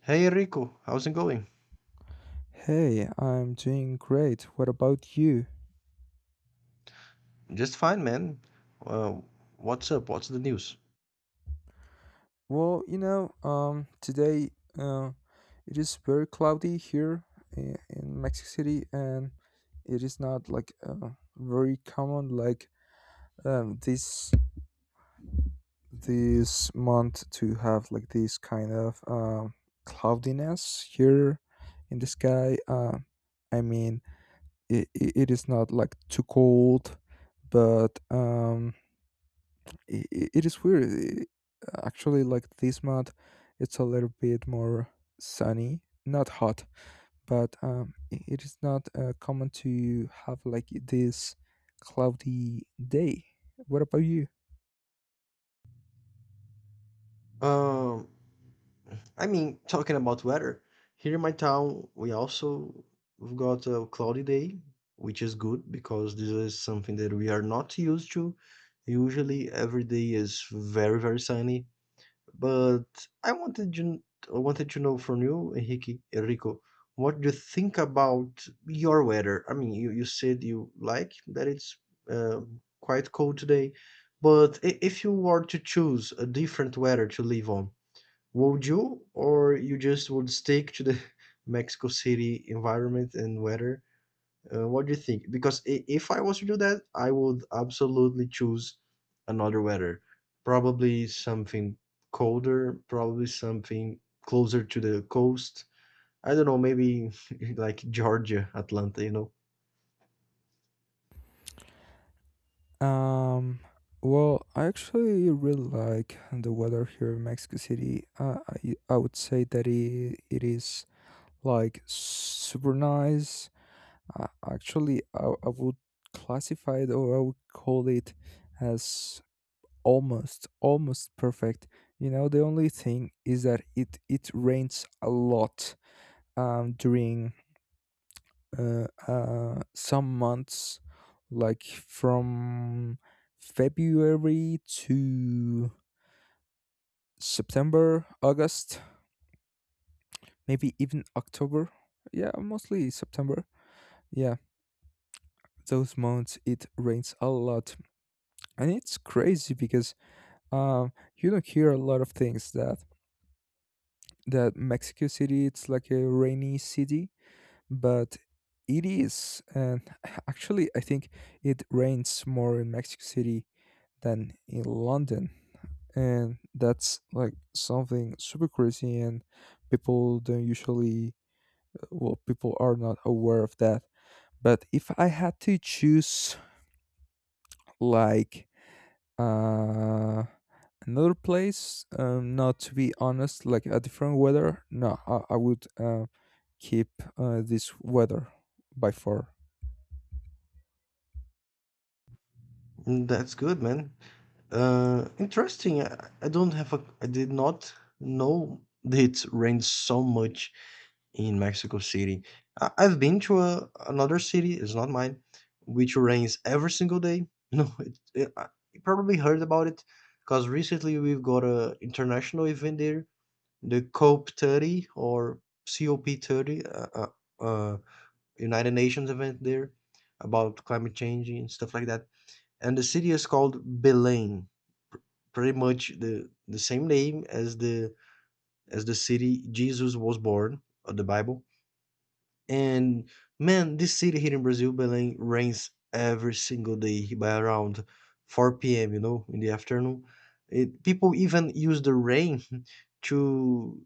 Hey Rico, how's it going? Hey, I'm doing great. What about you? Just fine, man. Uh, what's up? What's the news? Well, today uh, it is very cloudy here in Mexico City, and it is not like very common, like um, this this month to have like this kind of cloudiness here in the sky. I mean, it is not like too cold, but it is weird. Actually, like this month, it's a little bit more sunny, not hot, but it is not common to have like this cloudy day. What about you? Um, I mean, talking about weather, here in my town, we've got a cloudy day, which is good because this is something that we are not used to. Usually, every day is very, very sunny. But I wanted you, I wanted to know from you, Enrique, Enrico, what do you think about your weather? I mean, you said you like that it's uh, quite cold today, but if you were to choose a different weather to live on, would you, or you just would stick to the Mexico City environment and weather? What do you think? Because if I was to do that, I would absolutely choose another weather. Probably something colder, probably something closer to the coast. I don't know, maybe like Georgia, Atlanta. Um, well, I actually really like the weather here in Mexico City. I would say that it is like super nice. Actually, I would classify it, or I would call it as almost perfect. The only thing is that it rains a lot during some months, like from February to September, August, maybe even October. Yeah, mostly September. Yeah, those months it rains a lot, and it's crazy because you don't hear a lot of things, that Mexico City it's like a rainy city, but it is. And actually I think it rains more in Mexico City than in London, and that's like something super crazy, and people don't usually — well, people are not aware of that. But if I had to choose, like, uh another place, not — to be honest, like a different weather. No, I would keep this weather by far. Mm, that's good, man. Interesting. I don't I did not know that it rains so much in Mexico City. I've been to another city, it's not mine, which rains every single day. No, you probably heard about it because recently we've got a international event there, the COP 30, uh, United Nations event there about climate change and stuff like that. And the city is called Belém, pr- pretty much the same name as the city Jesus was born, of the Bible, and man, this city here in Brazil, Belém, rains every single day by around 4 p.m., you know, in the afternoon. People even use the rain to,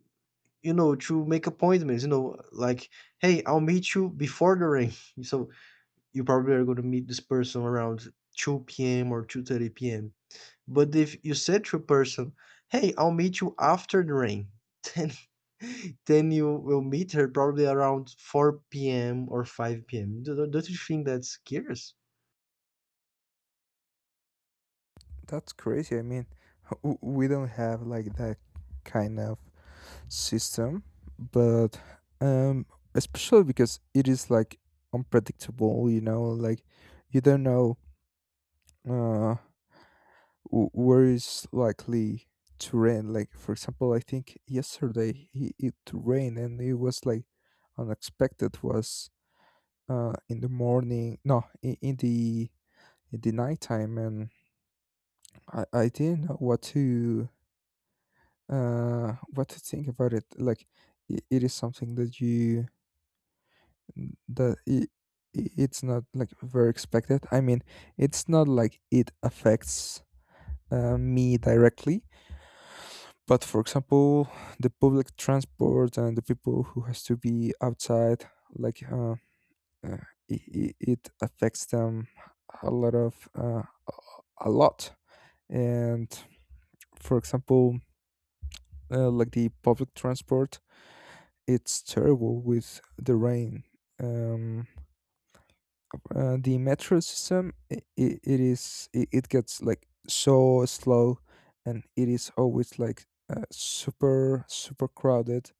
to make appointments, like, hey, I'll meet you before the rain. So you probably are going to meet this person around 2 p.m. or 2:30 p.m. But if you said to a person, "Hey, I'll meet you after the rain," then you will meet her probably around 4 p.m. or 5 p.m. Don't you think that's curious? That's crazy. I mean, we don't have like that kind of system, but um, especially because it is like unpredictable. You don't know uh, where is likely to rain. Like, for example, I think yesterday it rained and it was like unexpected. Was in the morning? No, in the nighttime, and I didn't know what to think about it. Like, it is something that you — that it's not like very expected. I mean, it's not like it affects me directly, but for example the public transport and the people who has to be outside, like, uh, it affects them a lot of — a lot. And for example, like, the public transport, it's terrible with the rain. Um, the metro system, it gets like so slow, and it is always like super super crowded,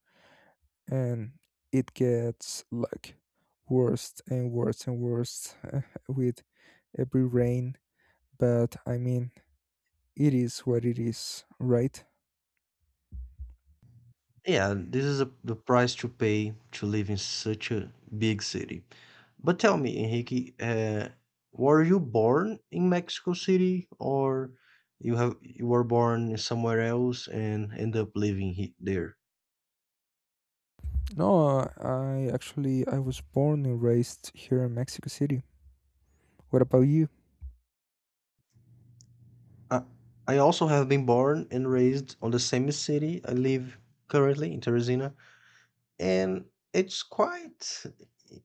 and it gets like worse and worse and worse, with every rain. But I mean, it is what it is, right? Yeah, this is the price to pay to live in such a big city. But tell me, Enrique, were you born in Mexico City, or you were born somewhere else and end up living there? No, I actually I was born and raised here in Mexico City. What about you? I, I also have been born and raised on the same city. I live currently in Teresina, and it's quite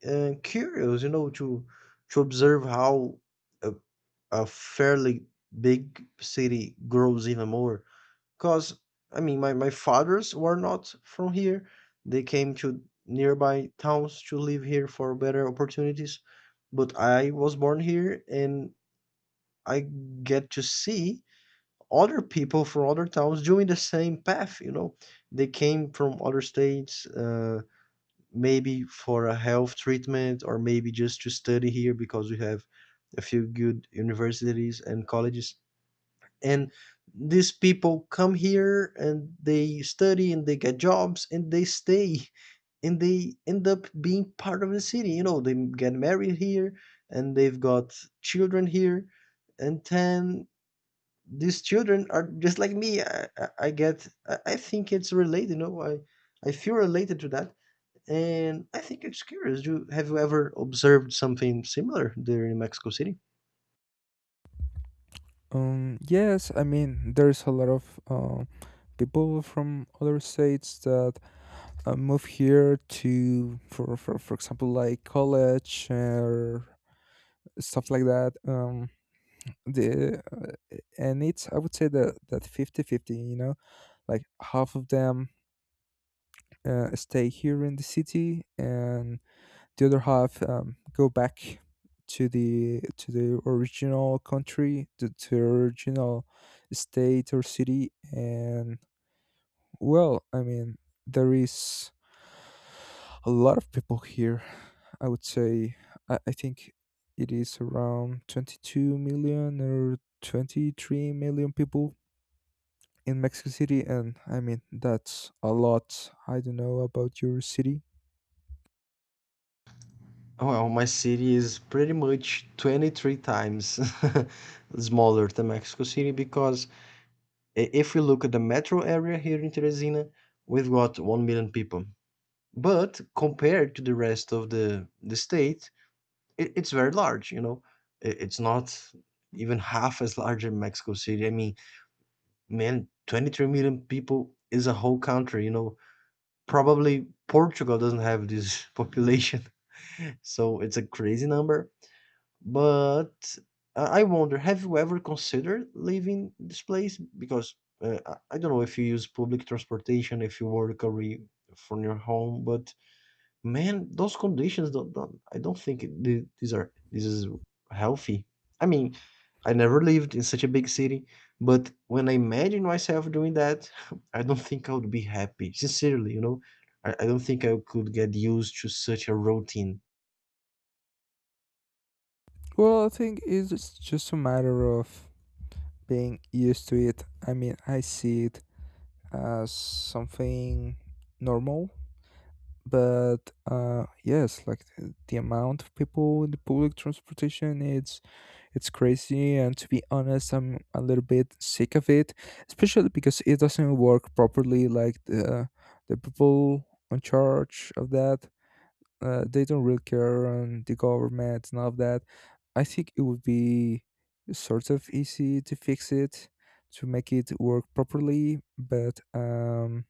curious, you know, to observe how a, a fairly big city grows even more. Because I mean, my fathers were not from here; they came to nearby towns to live here for better opportunities. But I was born here, and I get to see other people from other towns doing the same path, you know. They came from other states, maybe for a health treatment or maybe just to study here because we have a few good universities and colleges. And these people come here and they study and they get jobs and they stay and they end up being part of the city. You know, they get married here and they've got children here, and then these children are just like me. I think it's related, you know, I feel related to that. And I think it's curious. Have you ever observed something similar there in Mexico City? Um yes, I mean, there's a lot of people from other states that move here to for example, like, college or stuff like that. Um the uh, and it's — I would say that 50 fifty, like, half of them stay here in the city, and the other half go back to the — original country, to the original state or city. And, well, I mean, there is a lot of people here. I would say — I think it is around 22 million or 23 million people in Mexico City, and I mean, that's a lot. I don't know about your city. Well, my city is pretty much 23 times smaller than Mexico City because if we look at the metro area here in Teresina, we've got 1 million people. But compared to the rest of the state, it's very large, you know. It's not even half as large as Mexico City. I mean, man, 23 million people is a whole country, you know. Probably Portugal doesn't have this population, so it's a crazy number. But I wonder, have you ever considered leaving this place? Because I don't know if you use public transportation, if you work away from your home, but man, those conditions don't I don't think th- these are this is healthy. I mean, I never lived in such a big city, but when I imagine myself doing that, I don't think I would be happy. Sincerely, you know, I don't think I could get used to such a routine. Well, I think it's just a matter of being used to it. I mean, I see it as something normal, but yes, like, the amount of people in the public transportation, it's crazy, and to be honest, I'm a little bit sick of it, especially because it doesn't work properly. Like, the people in charge of that, they don't really care, and the government and all of that. I think it would be sort of easy to fix it, to make it work properly, but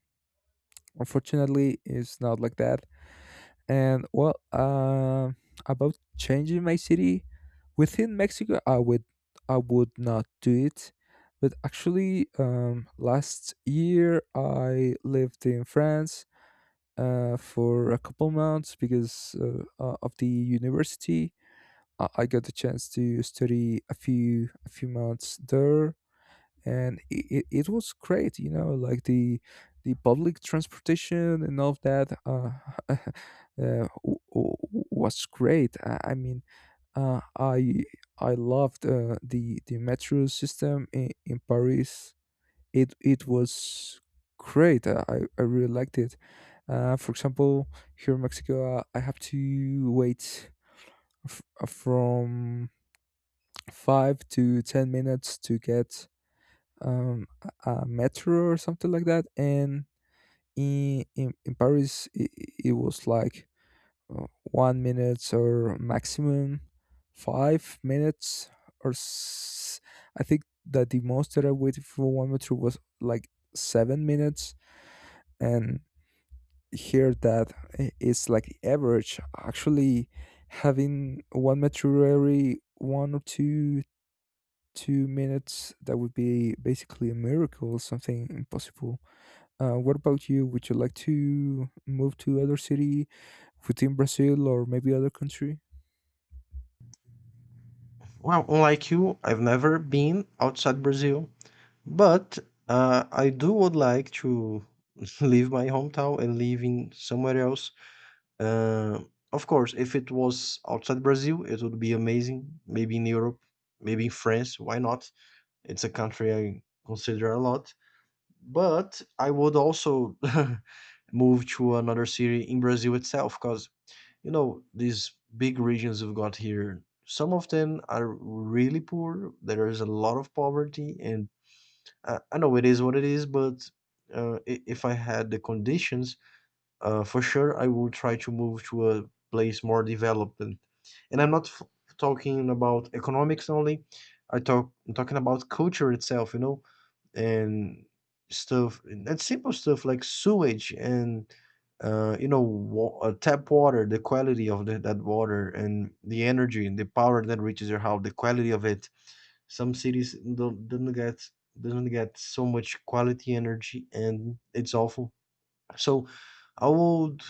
unfortunately, it's not like that. And, well, about changing my city within Mexico, I would not do it. But actually, last year I lived in France for a couple months because of the university. I got the chance to study a few months there, and it was great. The public transportation and all of that, uh, w- w- was great. I mean, uh, i I loved the metro system in Paris. It was great. I really liked it. For example, here in Mexico, I have to wait, from 5 to 10 minutes to get um, a metro or something like that. And in Paris, it was like 1 minutes, or maximum 5 minutes, or I think that the most that I waited for one metro was like 7 minutes. And here, that it's like the average, actually — having one metro every one or two minutes, that would be basically a miracle, something impossible. What about you? Would you like to move to other city within Brazil, or maybe other country? Well, unlike you, I've never been outside Brazil, but I do would like to leave my hometown and live in somewhere else. Uh, of course, if it was outside Brazil, it would be amazing. Maybe in Europe, maybe in France. Why not? It's a country I consider a lot. But I would also move to another city in Brazil itself because, you know, these big regions we've got here, some of them are really poor. There is a lot of poverty. And I know it is what it is, but if I had the conditions, for sure, I will try to move to a place more developed. And I'm not talking about economics only. I'm talking about culture itself, you know, and stuff and simple stuff like sewage and tap water, the quality of that water and the energy and the power that reaches your house, the quality of it. Some cities don't get doesn't get so much quality energy, and it's awful. So I would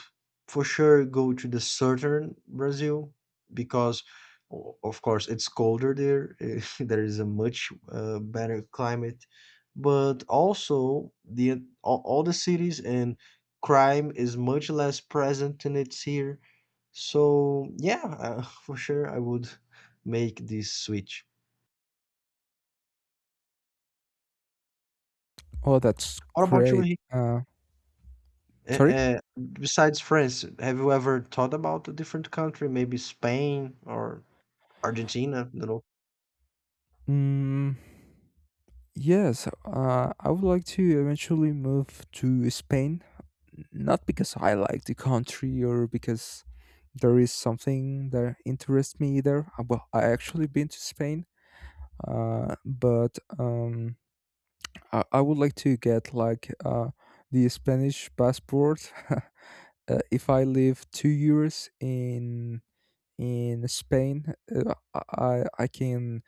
for sure go to the southern Brazil because, of course, it's colder there. There is a much better climate, but also all the cities, and crime is much less present than it's here. So yeah, for sure I would make this switch. Oh, that's What about you, great. Henrique? Uh, Uh, Sorry? uh, Besides France, have you ever thought about a different country, maybe Spain, or Argentina, you know? Mm, yes, I would like to eventually move to Spain. Not because I like the country, or because there is something that interests me either. Well, I actually been to Spain, but I would like to get, like, the Spanish passport. If I live 2 years in Spain, I can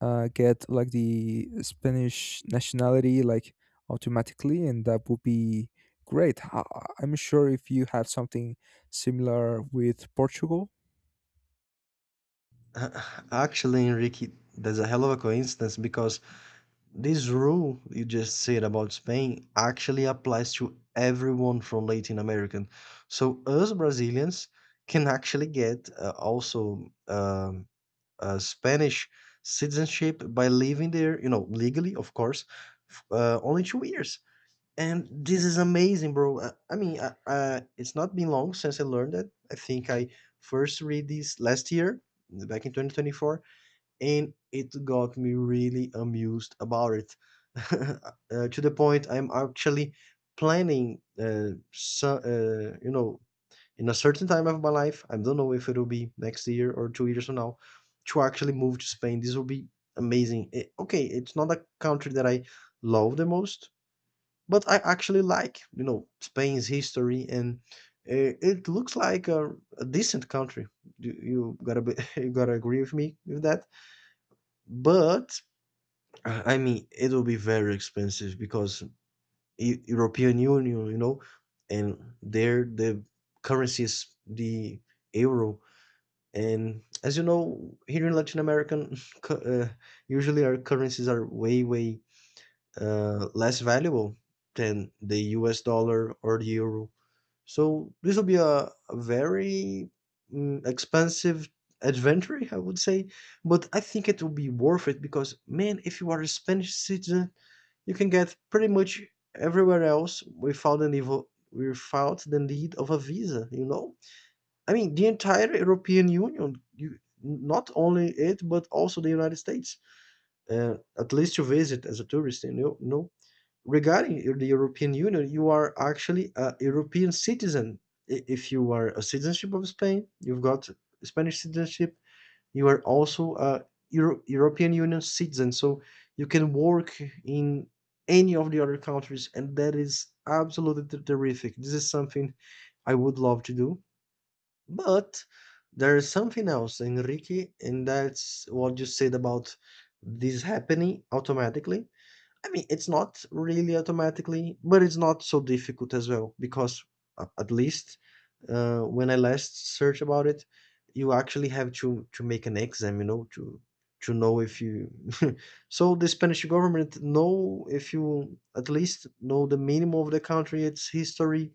get, like, the Spanish nationality, like, automatically, and that would be great. I'm sure if you have something similar with Portugal. Actually, Enrique, that's a hell of a coincidence because this rule you just said about Spain actually applies to everyone from Latin American. So us Brazilians can actually get also Spanish citizenship by living there, you know, legally, of course, only 2 years. And this is amazing, bro. I mean, it's not been long since I learned it. I think I first read this last year, back in 2024, and it got me really amused about it. To the point I'm actually planning, so, you know, in a certain time of my life, I don't know if it'll be next year or 2 years from now, to actually move to Spain. This will be amazing. Okay, it's not a country that I love the most, but I actually like, you know, Spain's history, and it looks like a decent country. You gotta be, you gotta agree with me with that. But I mean, it will be very expensive because European Union, you know, and there the currency is the euro. And as you know, here in Latin American, usually our currencies are way, way less valuable than the US dollar or the euro. So this will be a very expensive adventure, I would say, but I think it will be worth it because, man, if you are a Spanish citizen, you can get pretty much everywhere else without the need of a visa, you know? I mean, the entire European Union, you not only it, but also the United States, at least to visit as a tourist, you know? No? Regarding the European Union, you are actually a European citizen. If you are a citizenship of Spain, you've got Spanish citizenship. You are also a European Union citizen, so you can work in any of the other countries, and that is absolutely terrific. This is something I would love to do, but there is something else, Enrique, and that's what you said about this happening automatically. I mean, it's not really automatically, but it's not so difficult as well because at least when I last searched about it, you actually have to make an exam, you know, to know if you. So the Spanish government know if you at least know the minimum of the country, its history,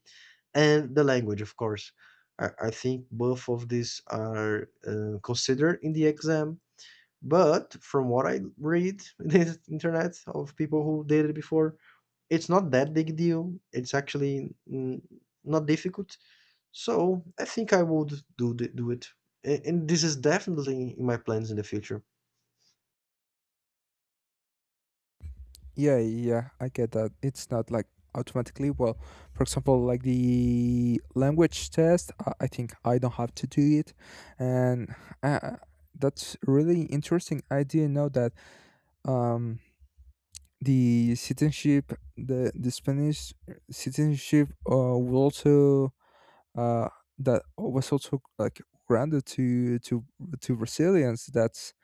and the language, of course. I think both of these are considered in the exam, but from what I read in the internet of people who did it before, it's not that big deal. It's actually not difficult. So I think I would do it. And this is definitely in my plans in the future. Yeah, yeah, I get that. It's not like automatically. Well, for example, like the language test, I think I don't have to do it, and uh, that's really interesting. I didn't know that. Um, The citizenship, the Spanish citizenship, would also uh, that was also like granted to — to Brazilians. That's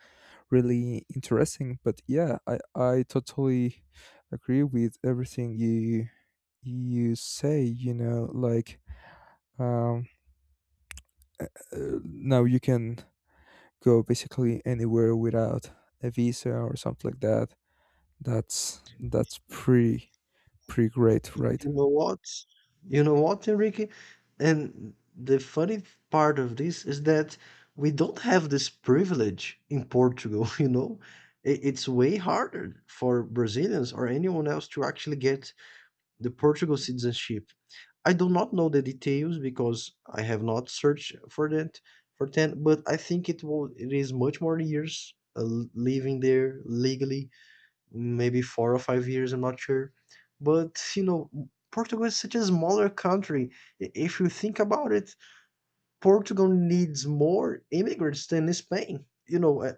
really interesting. But yeah, I totally agree with everything you say. You know, like um, uh, now you can go basically anywhere without a visa or something like that. That's pretty great, right? You know what? You know what, Enrique? And the funny part of this is that we don't have this privilege in Portugal. You know, it's way harder for Brazilians or anyone else to actually get the Portugal citizenship. I do not know the details because I have not searched for that for ten, but I think it is much more years living there legally, maybe 4 or 5 years. I'm not sure, but you know, Portugal is such a smaller country. If you think about it, Portugal needs more immigrants than Spain. You know,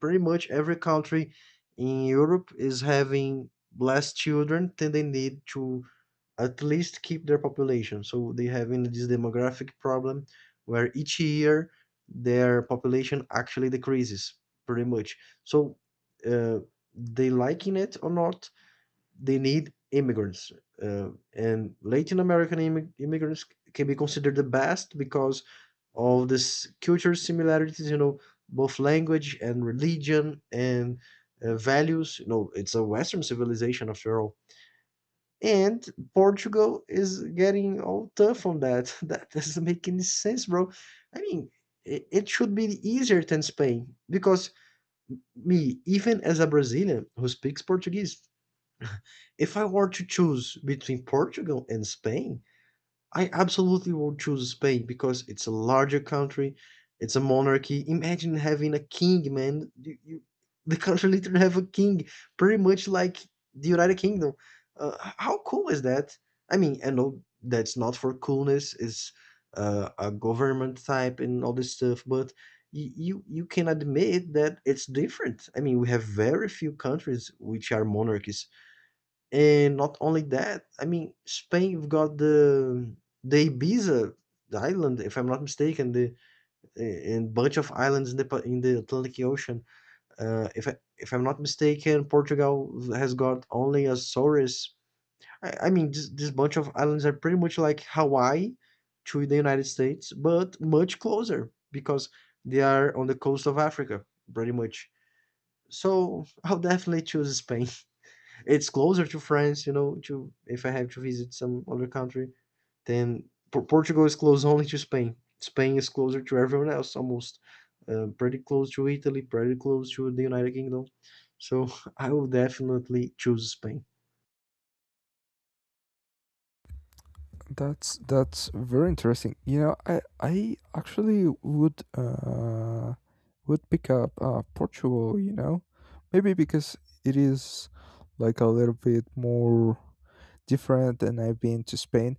pretty much every country in Europe is having less children than they need to at least keep their population. So they having this demographic problem where each year their population actually decreases pretty much. So uh, they liking it or not, they need immigrants. And Latin American immigrants can be considered the best because of this cultural similarities, you know, both language and religion and values. You know, it's a Western civilization after all. And Portugal is getting all tough on that. That doesn't make any sense, bro. I mean, it should be easier than Spain because me, even as a Brazilian who speaks Portuguese, if I were to choose between Portugal and Spain, I absolutely would choose Spain because it's a larger country, it's a monarchy. Imagine having a king, man. The country literally have a king, pretty much like the United Kingdom. How cool is that? I mean, I know that's not for coolness. It's a government type and all this stuff, but you can admit that it's different. I mean, we have very few countries which are monarchies and not only that, I mean, Spain, you've got the Ibiza, the island, if I'm not mistaken, the and bunch of islands in the in the Atlantic Ocean. If I'm not mistaken, Portugal has got only Azores. I mean, this bunch of islands are pretty much like Hawaii to the United States, but much closer because they are on the coast of Africa, pretty much. So I'll definitely choose Spain. It's closer to France, you know, to if I have to visit some other country, then Portugal is close only to Spain. Spain is closer to everyone else almost. Pretty close to Italy, pretty close to the United Kingdom. So I will definitely choose Spain. That's very interesting. I actually would — pick up, Portugal. Maybe because it is, like, a little bit more different. Than I've been to Spain.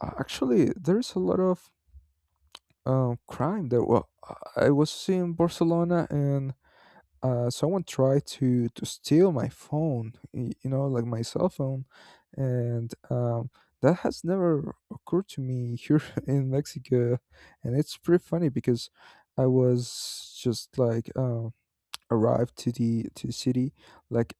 Actually, there's a lot of crime there. Well, I was in Barcelona and someone tried to steal my phone — my cell phone. And that has never occurred to me here, in Mexico, and it's pretty funny because I was just like, arrived to the — city. Like,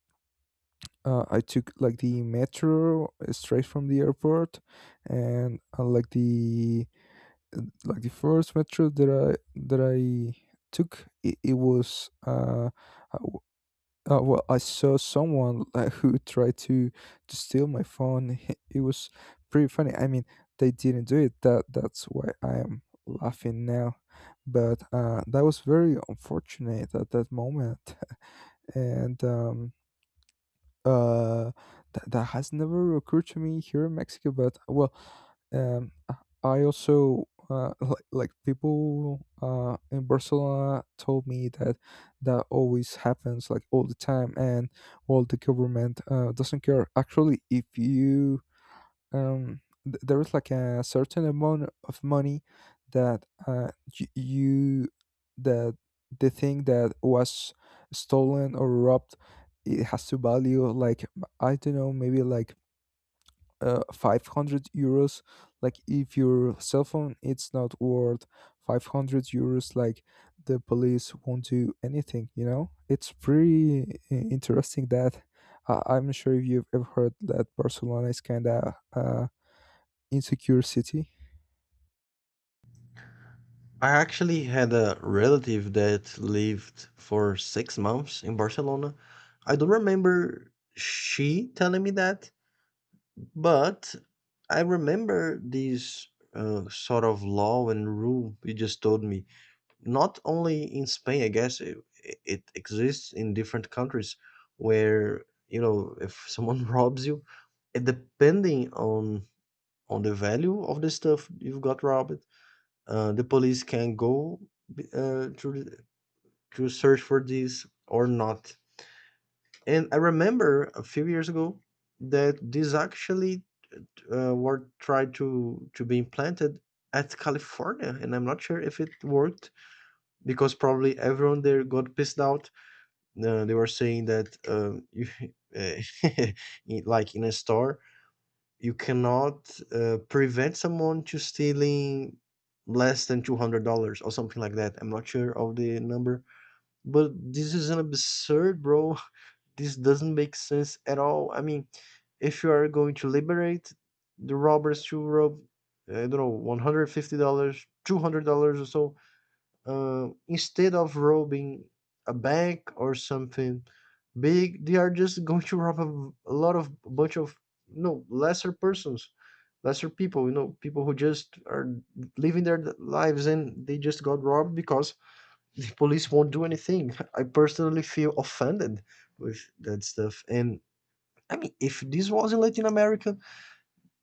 I took, like, the metro, straight from the airport, and like the first metro that I — that I took, it was uh, well, I saw someone who tried to steal my phone. It was pretty funny. I mean, they didn't do it. That's why I am laughing now. But that was very unfortunate at that moment, and uh that has never occurred to me here in Mexico. But, well, I also, like, people in Barcelona told me that always happens, like, all the time, and, well, the government doesn't care. Actually, if you — there is, like, a certain amount of money that — y- you that the thing that was stolen or robbed, it has to value like — I don't know, maybe like 500 euros. Like, if your cell phone it's not worth 500 euros, like, the police won't do anything. It's pretty interesting that — I'm not sure if you've ever heard that Barcelona is kind of insecure city. I actually had a relative that lived for 6 months in Barcelona. I don't remember she telling me that, but I remember these sort of law and rule you just told me. Not only in Spain, I guess it exists in different countries where you know if someone robs you, it, depending on the value of the stuff you've got robbed, the police can go uh, to to search for this or not. And I remember a few years ago that this actually were tried to be implanted at California, and I'm not sure if it worked because probably everyone there got pissed out. They were saying that you, uh, like in a store, you cannot prevent someone to stealing less than $200 or something like that. I'm not sure of the number, but this is an absurd, bro. This doesn't make sense at all. I mean, if you are going to liberate the robbers to rob, I don't know, $150, $200 or so, instead of robbing a bank or something big, they are just going to rob a lot of a bunch of you know lesser persons, lesser people. You know, people who just are living their lives and they just got robbed because the police won't do anything. I personally feel offended with that stuff. And I mean, if this was in Latin America,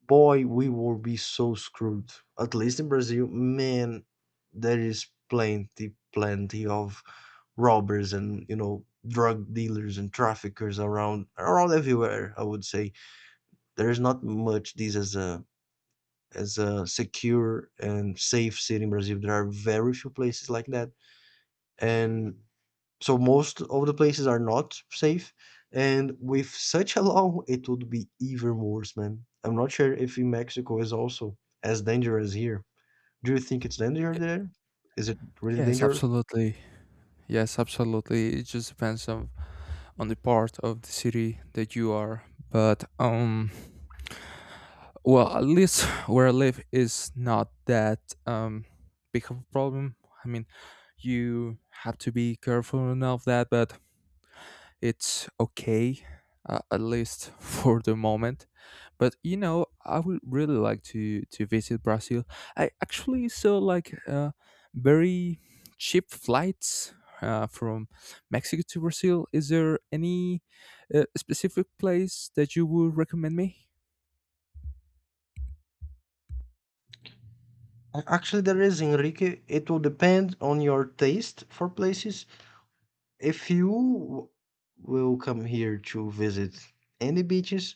boy, we would be so screwed. At least in Brazil, man, there is plenty, plenty of robbers and you know drug dealers and traffickers around around everywhere. I would say there is not much this as a secure and safe city in Brazil. There are very few places like that, and so most of the places are not safe, and with such a law, it would be even worse, man. I'm not sure if in Mexico is also as dangerous here. Do you think it's Y- dangerous there? Is it really Yes, dangerous? absolutely. Yes, absolutely. It just depends on the part of the city that you are. But well, at least where I live is not that um big of a problem. I mean, you have to be careful enough that, but it's okay, at least for the moment. But, I would really like to visit Brazil. I actually saw, like, very cheap flights from Mexico to Brazil. Is there any specific place that you would recommend me? Actually, there is, Enrique. It will depend on your taste for places. If you will come here to visit any beaches,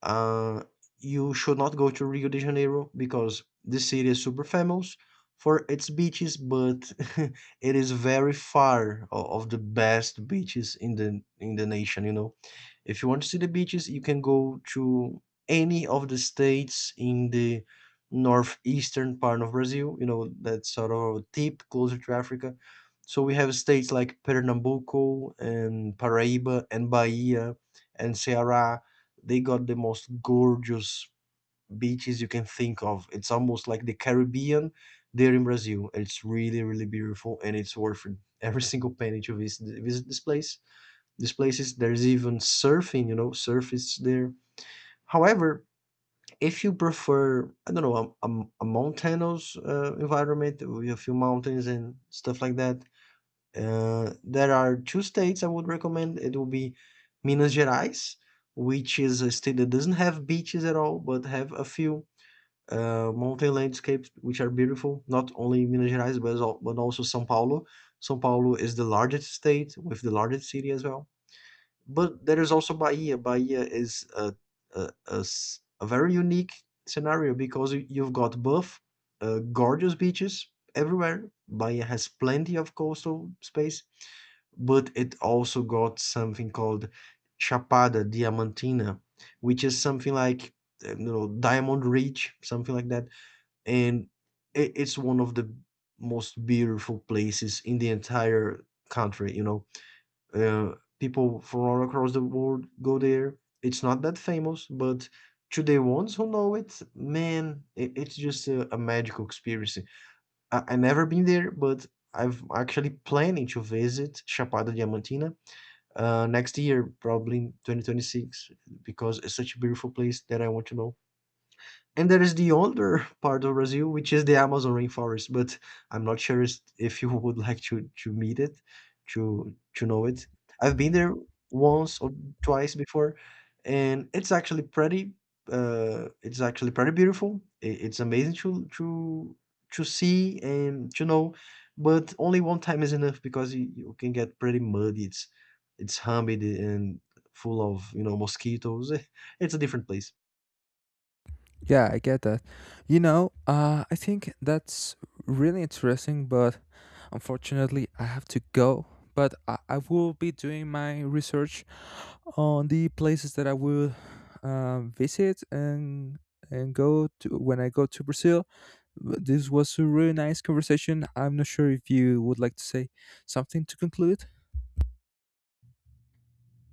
Uh, you should not go to Rio de Janeiro because this city is super famous for its beaches, but it is very far of the best beaches in the nation, you know. If you want to see the beaches, you can go to any of the states in the northeastern part of Brazil, you know, that's sort of a tip closer to Africa. So we have states like Pernambuco and Paraíba and Bahia and Ceará they got the most gorgeous beaches you can think of. It's almost like the Caribbean there in Brazil. It's really, really beautiful, and it's worth every single penny to visit, visit this place. This place is there's even surfing, you know, surf is there. However, if you prefer, I don't know, a mountainous environment with a few mountains and stuff like that, there are two states I would recommend. It will be Minas Gerais, which is a state that doesn't have beaches at all, but have a few mountain landscapes which are beautiful. Not only Minas Gerais, but, but also São Paulo. São Paulo is the largest state with the largest city as well. But there is also Bahia. Bahia is a very unique scenario because you've got both gorgeous beaches everywhere. Bahia has plenty of coastal space but it also got something called Chapada Diamantina, which is something like you know Diamond Ridge, something like that, and it's one of the most beautiful places in the entire country. You know, uh, people from all across the world go there. It's not that famous, but to the ones who know it, man, it's just a magical experience. I never been there, but I've actually planning to visit Chapada Diamantina next year, probably 2026, because it's such a beautiful place that I want to know. And there is the older part of Brazil, which is the Amazon rainforest, but I'm not sure if you would like to meet it, to know it. I've been there once or twice before, and it's actually pretty. It's actually pretty beautiful. It's amazing to see and to know, but only one time is enough because you can get pretty muddy. It's humid and full of you know mosquitoes. It's a different place. Yeah, I get that. I think that's really interesting, but unfortunately, I have to go. But I will be doing my research on the places that I will visit and go to when I go to Brazil. But This was a really nice conversation. I'm not sure if you would like to say something to conclude.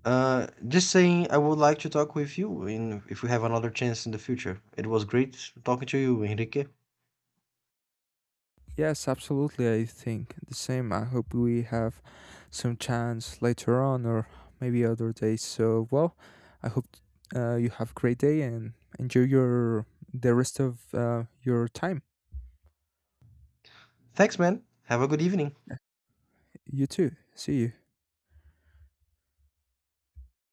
Just saying, I would like to talk with you in if we have another chance in the future. It was great talking to you, Enrique. Yes, absolutely. I think the same. I hope we have some chance later on, or maybe other days. So, well, I hope you have a great day and enjoy your the rest of your time. Thanks, man. Have a good evening. You too. See you.